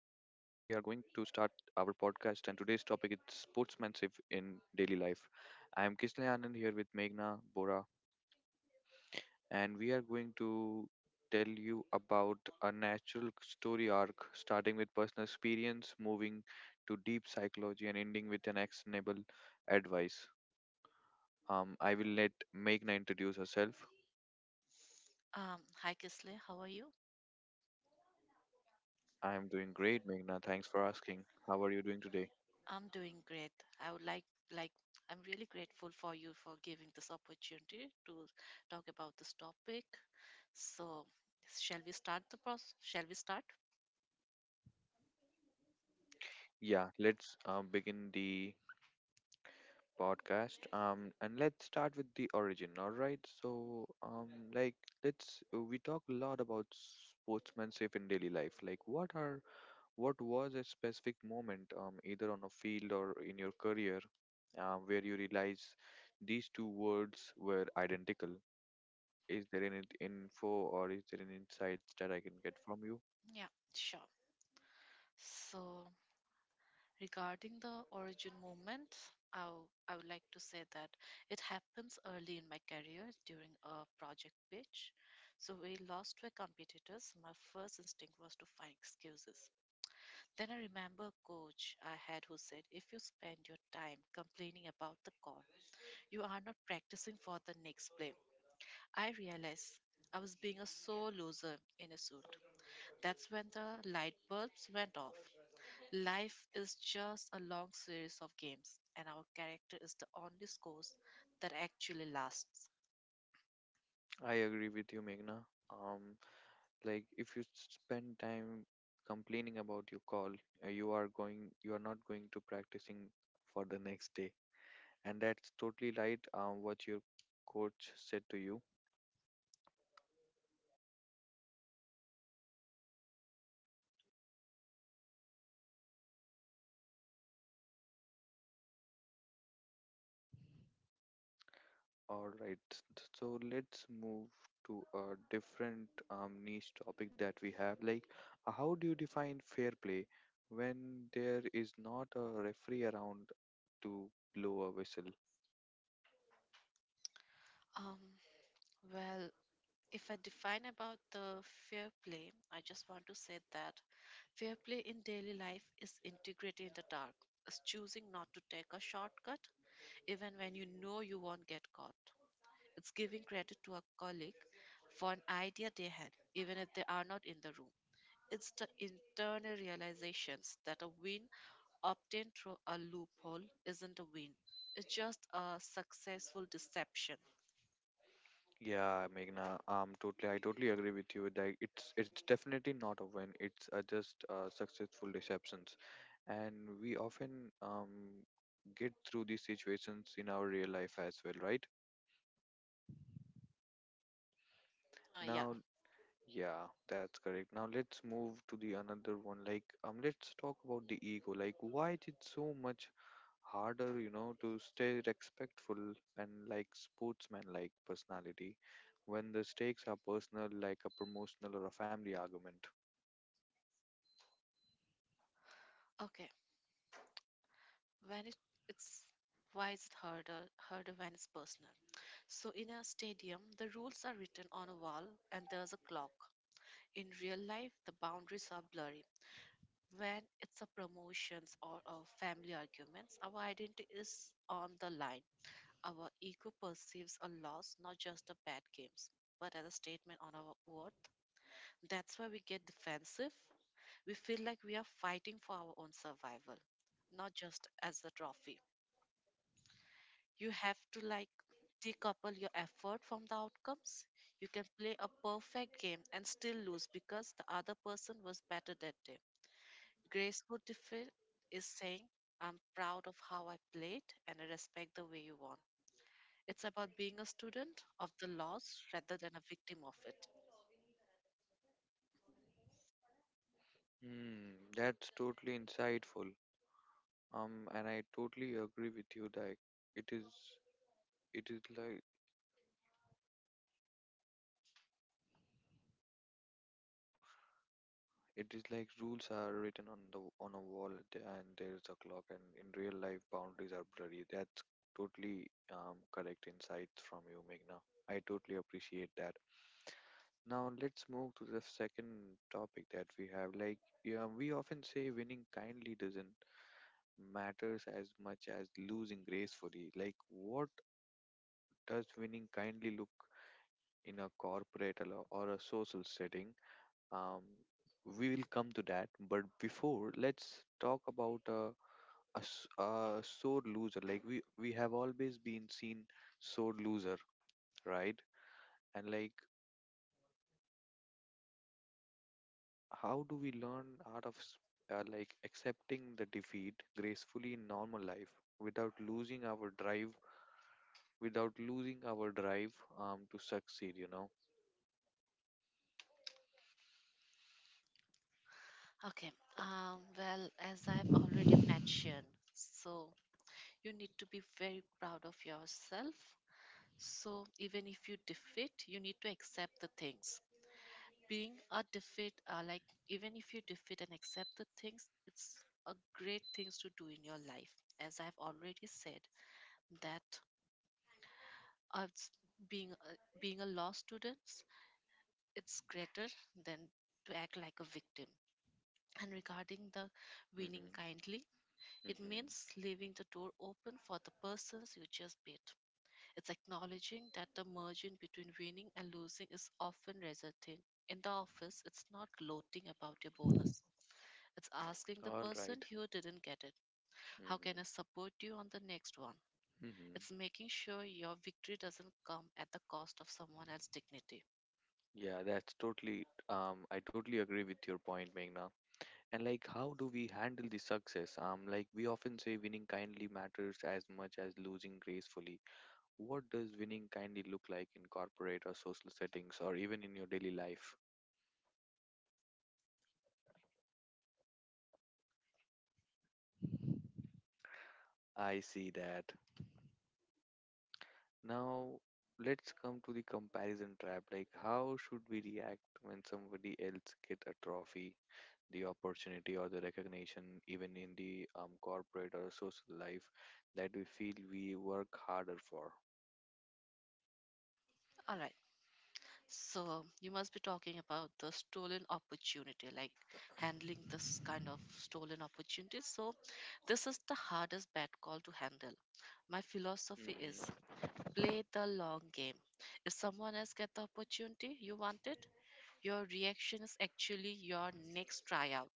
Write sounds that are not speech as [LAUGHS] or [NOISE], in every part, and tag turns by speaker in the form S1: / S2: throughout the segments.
S1: to start our podcast, and today's topic is sportsmanship in daily life. I am Kisle Anand here with Meghna Bora, and we are going to tell you about a natural story arc, starting with personal experience, moving to deep psychology, and ending with an actionable advice. I will let Meghna introduce herself.
S2: Hi Kisle, how are you?
S1: I am doing great, Meghna. Thanks for asking. How are you doing today?
S2: I'm doing great. I would like I'm really grateful for you for giving this opportunity to talk about this topic. So, shall we start the process? Shall we start?
S1: Yeah, let's begin the podcast. And let's start with the origin. All right. Let's we talk a lot about sportsmanship in daily life. Like, what was a specific moment, either on a field or in your career, where you realize these two words were identical? Is there any info or is there any insights that I can get from you?
S2: Yeah, sure. So, regarding the origin movement, I would like to say that it happens early in my career during a project pitch. So, we lost to a competitors. My first instinct was to find excuses. Then I remember a coach I had who said, If you spend your time complaining about the call, you are not practicing for the next play. I realized I was being a sore loser in a suit. That's when the light bulbs went off. Life is just a long series of games, and our character is the only scores that actually lasts.
S1: I agree with you, Meghna. Um, Like if you spend time complaining about your call, you are not going to practicing for the next day. And that's totally right what your coach said to you. All right. So let's move to a different niche topic that we have. Like, how do you define fair play when there is not a referee around to blow a whistle?
S2: Um, well, if I define about the fair play, I just want to say that fair play in daily life is integrity in the dark. It's choosing not to take a shortcut even when you know you won't get caught. It's giving credit to a colleague for an idea they had, even if they are not in the room. It's the internal realizations that a win obtained through a loophole isn't a win. It's just a successful deception.
S1: Yeah, Meghna, I totally agree with you. Like, it's definitely not a win. It's just successful deceptions, and we often get through these situations in our real life as well, right?
S2: Yeah.
S1: Now, Yeah, that's correct. Now let's move to the another one. Like, let's talk about the ego. Like, why is it so much harder, you know, to stay respectful and like sportsman-like personality when the stakes are personal, like a promotional or a family argument?
S2: Okay. when it, it's Why is it harder when it's personal? So in a stadium the rules are written on a wall and there's a clock. In real life the boundaries are blurry. When it's a promotions or a family arguments, our identity is on the line. Our ego perceives a loss not just a bad games, but as a statement on our worth. That's why we get defensive. We feel like we are fighting for our own survival, not just as a trophy. You have to like decouple your effort from the outcomes. You can play a perfect game and still lose because the other person was better that day. Graceful defeat is saying, I'm proud of how I played and I respect the way you won. It's about being a student of the loss rather than a victim of it.
S1: Hmm, that's totally insightful. And I totally agree with you. Like, it is, it is like rules are written on the on a wall, and there is a clock. And in real life, boundaries are blurry. That's totally correct insights from you, Meghna. I totally appreciate that. Now let's move to the second topic that we have. Like yeah, we often say, winning kindly doesn't matters as much as losing gracefully. Like, what does winning kindly look in a corporate or a social setting? Um, we will come to that, but before, let's talk about a sore loser. Like we have always been seen sore loser, right? And like, how do we learn out of like accepting the defeat gracefully in normal life without losing our drive, without losing our drive to succeed, you know?
S2: Okay, well, as I've already mentioned, so you need to be very proud of yourself. So, even if you defeat, you need to accept the things being a defeat like even if you defeat and accept the things, it's a great things to do in your life. As I've already said that uh, s- being a, being a law student, it's greater than to act like a victim. And regarding the winning
S1: Mm-hmm.
S2: kindly, it
S1: Mm-hmm.
S2: means leaving the door open for the persons you just beat. It's acknowledging that the margin between winning and losing is often resulting. In the office, it's not gloating about your bonus. It's asking the
S1: All
S2: person
S1: right.
S2: who didn't get it, How can I
S1: Mm-hmm.
S2: support you on the next one?
S1: Mm-hmm.
S2: It's making sure your victory doesn't come at the cost of someone else's dignity.
S1: Yeah, that's totally. I totally agree with your point, Meghna. And like, how do we handle the success? Like we often say, winning kindly matters as much as losing gracefully. What does winning kindly look like in corporate or social settings, or even in your daily life? I see that. Now, let's come to the comparison trap. Like, how should we react when somebody else get a trophy, the opportunity, or the recognition, even in the corporate or social life that we feel we work harder for?
S2: All right, so you must be talking about the stolen opportunity, like handling this kind of stolen opportunity. So, this is the hardest bad call to handle. My philosophy
S1: Hmm.
S2: is play the long game. If someone else get the opportunity you wanted, your reaction is actually your next tryout.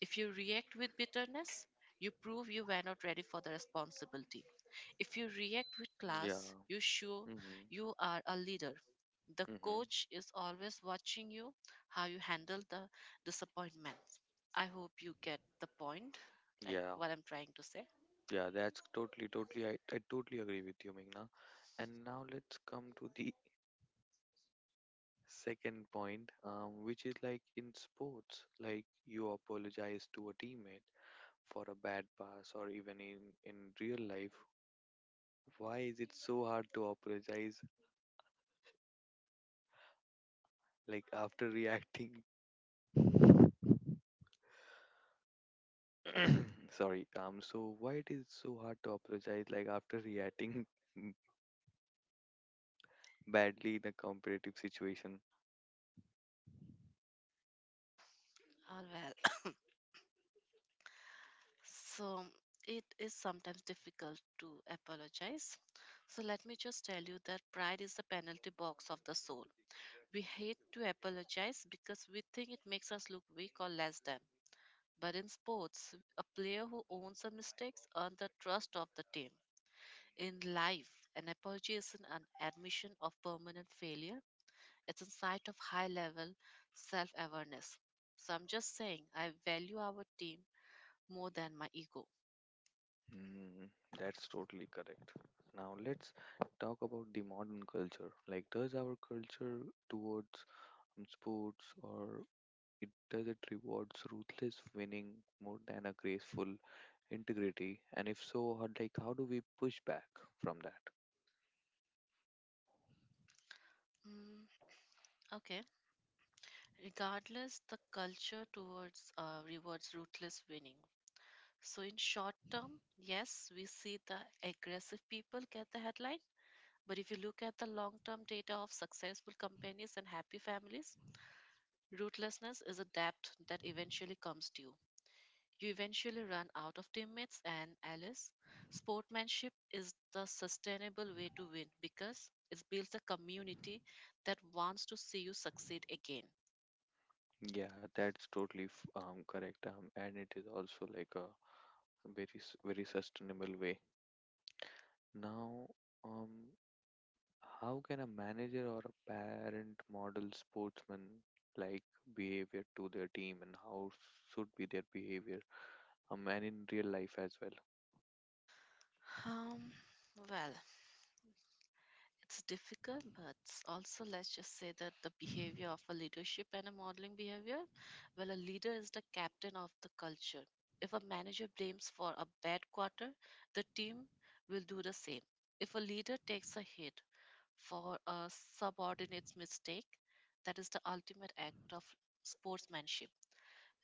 S2: If you react with bitterness, you prove you were not ready for the responsibility. If you react with
S1: Yeah.
S2: class, you show
S1: Hmm.
S2: you are a leader. The
S1: Hmm.
S2: coach is always watching you, how you handle the disappointment. I hope you get the point, like
S1: Yeah.
S2: what I'm trying to say.
S1: Yeah, totally. I totally agree with you, Meghna. And now let's come to the second point, which is like in sports, like you apologize to a teammate for a bad pass, or even in real life, why is it so hard to apologize like after [LAUGHS] reacting? [COUGHS] Sorry, so why it is so hard to apologize like after reacting [LAUGHS] badly in a competitive situation?
S2: All well. [COUGHS] So it is sometimes difficult to apologize. So let me just tell you that pride is the penalty box of the soul. We hate to apologize because we think it makes us look weak or less than. But in sports, a player who owns her mistakes earns the trust of the team. In life, an apology isn't an admission of permanent failure, it's a sign of high level self awareness. So I'm just saying, I value our team more than my ego.
S1: Hmm, that's totally correct. Now let's talk about the modern culture. Like, does our culture towards in sports or it rewards ruthless winning more than a graceful integrity, and if so how, like how do we push back from that?
S2: Mm, okay. Regardless, the culture towards rewards ruthless winning. So, in short term, yes, we see the aggressive people get the headline. But if you look at the long term data of successful companies and happy families, ruthlessness is a debt that eventually comes due. You eventually run out of teammates and allies. Sportsmanship is the sustainable way to win because it builds a community that wants to see you succeed again.
S1: That's totally correct, and it is also like a very sustainable way. Now, um how can a manager or a parent model sportsman like behavior to their team, and how should be their behavior and in real life as well?
S2: Um, well, it's difficult, but also let's just say that the behavior of a leadership and a modeling behavior, well, a leader is the captain of the culture. If a manager blames for a bad quarter, the team will do the same. If a leader takes a hit for a subordinate's mistake, that is the ultimate act of sportsmanship.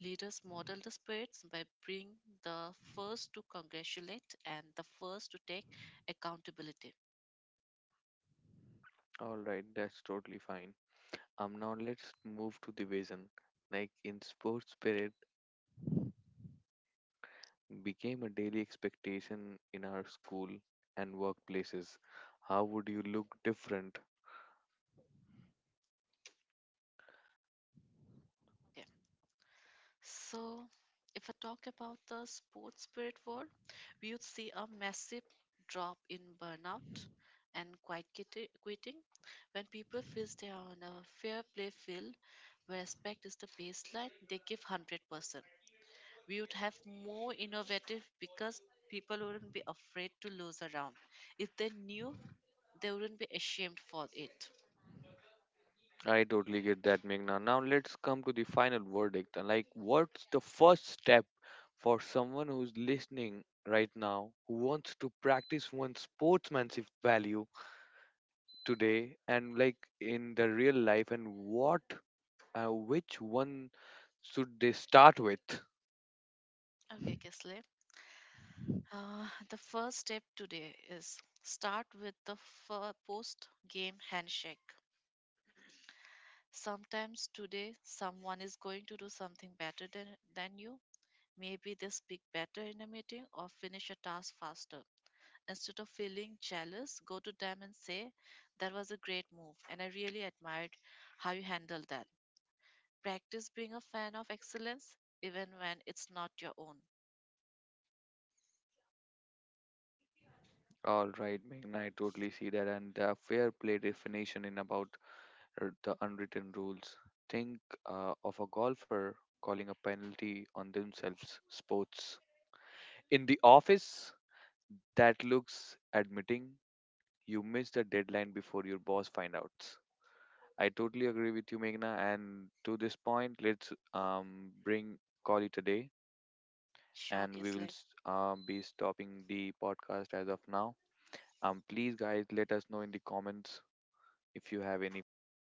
S2: Leaders model the spirits by being the first to congratulate and the first to take accountability.
S1: All right, that's totally fine. Now let's move to division. Like in sports spirit became a daily expectation in our school and workplaces. How would you look different?
S2: Okay. So, if I talk about the sports spirit world, we would see a massive drop in burnout and quiet quitting when people feel they are on a fair play field where respect is the baseline. They give 100%. We would have more innovative because people wouldn't be afraid to lose a round if they knew they wouldn't be ashamed for it.
S1: I totally get that, Meghna. Now let's come to the final verdict. Like, what's the first step for someone who's listening right now who wants to practice one's sportsmanship value today and like in the real life? And what, which one should they start with?
S2: Okay Kisle. The first step today is start with the post game handshake. Sometimes today someone is going to do something better than you. Maybe they speak better in a meeting or finish a task faster. Instead of feeling jealous, go to them and say, That was a great move, and I really admired how you handled that. Practice being a fan of excellence even when it's not your own.
S1: All right, Ming, I totally see that. And the fair play definition in about the unwritten rules. Think of a golfer calling a penalty on themselves, sports. In the office, that looks admitting you missed the deadline before your boss find out. I totally agree with you, Meghna. And to this point, let's bring call it a day,
S2: Sure,
S1: and we will
S2: Kislev.
S1: be stopping the podcast as of now. Please, guys, let us know in the comments if you have any further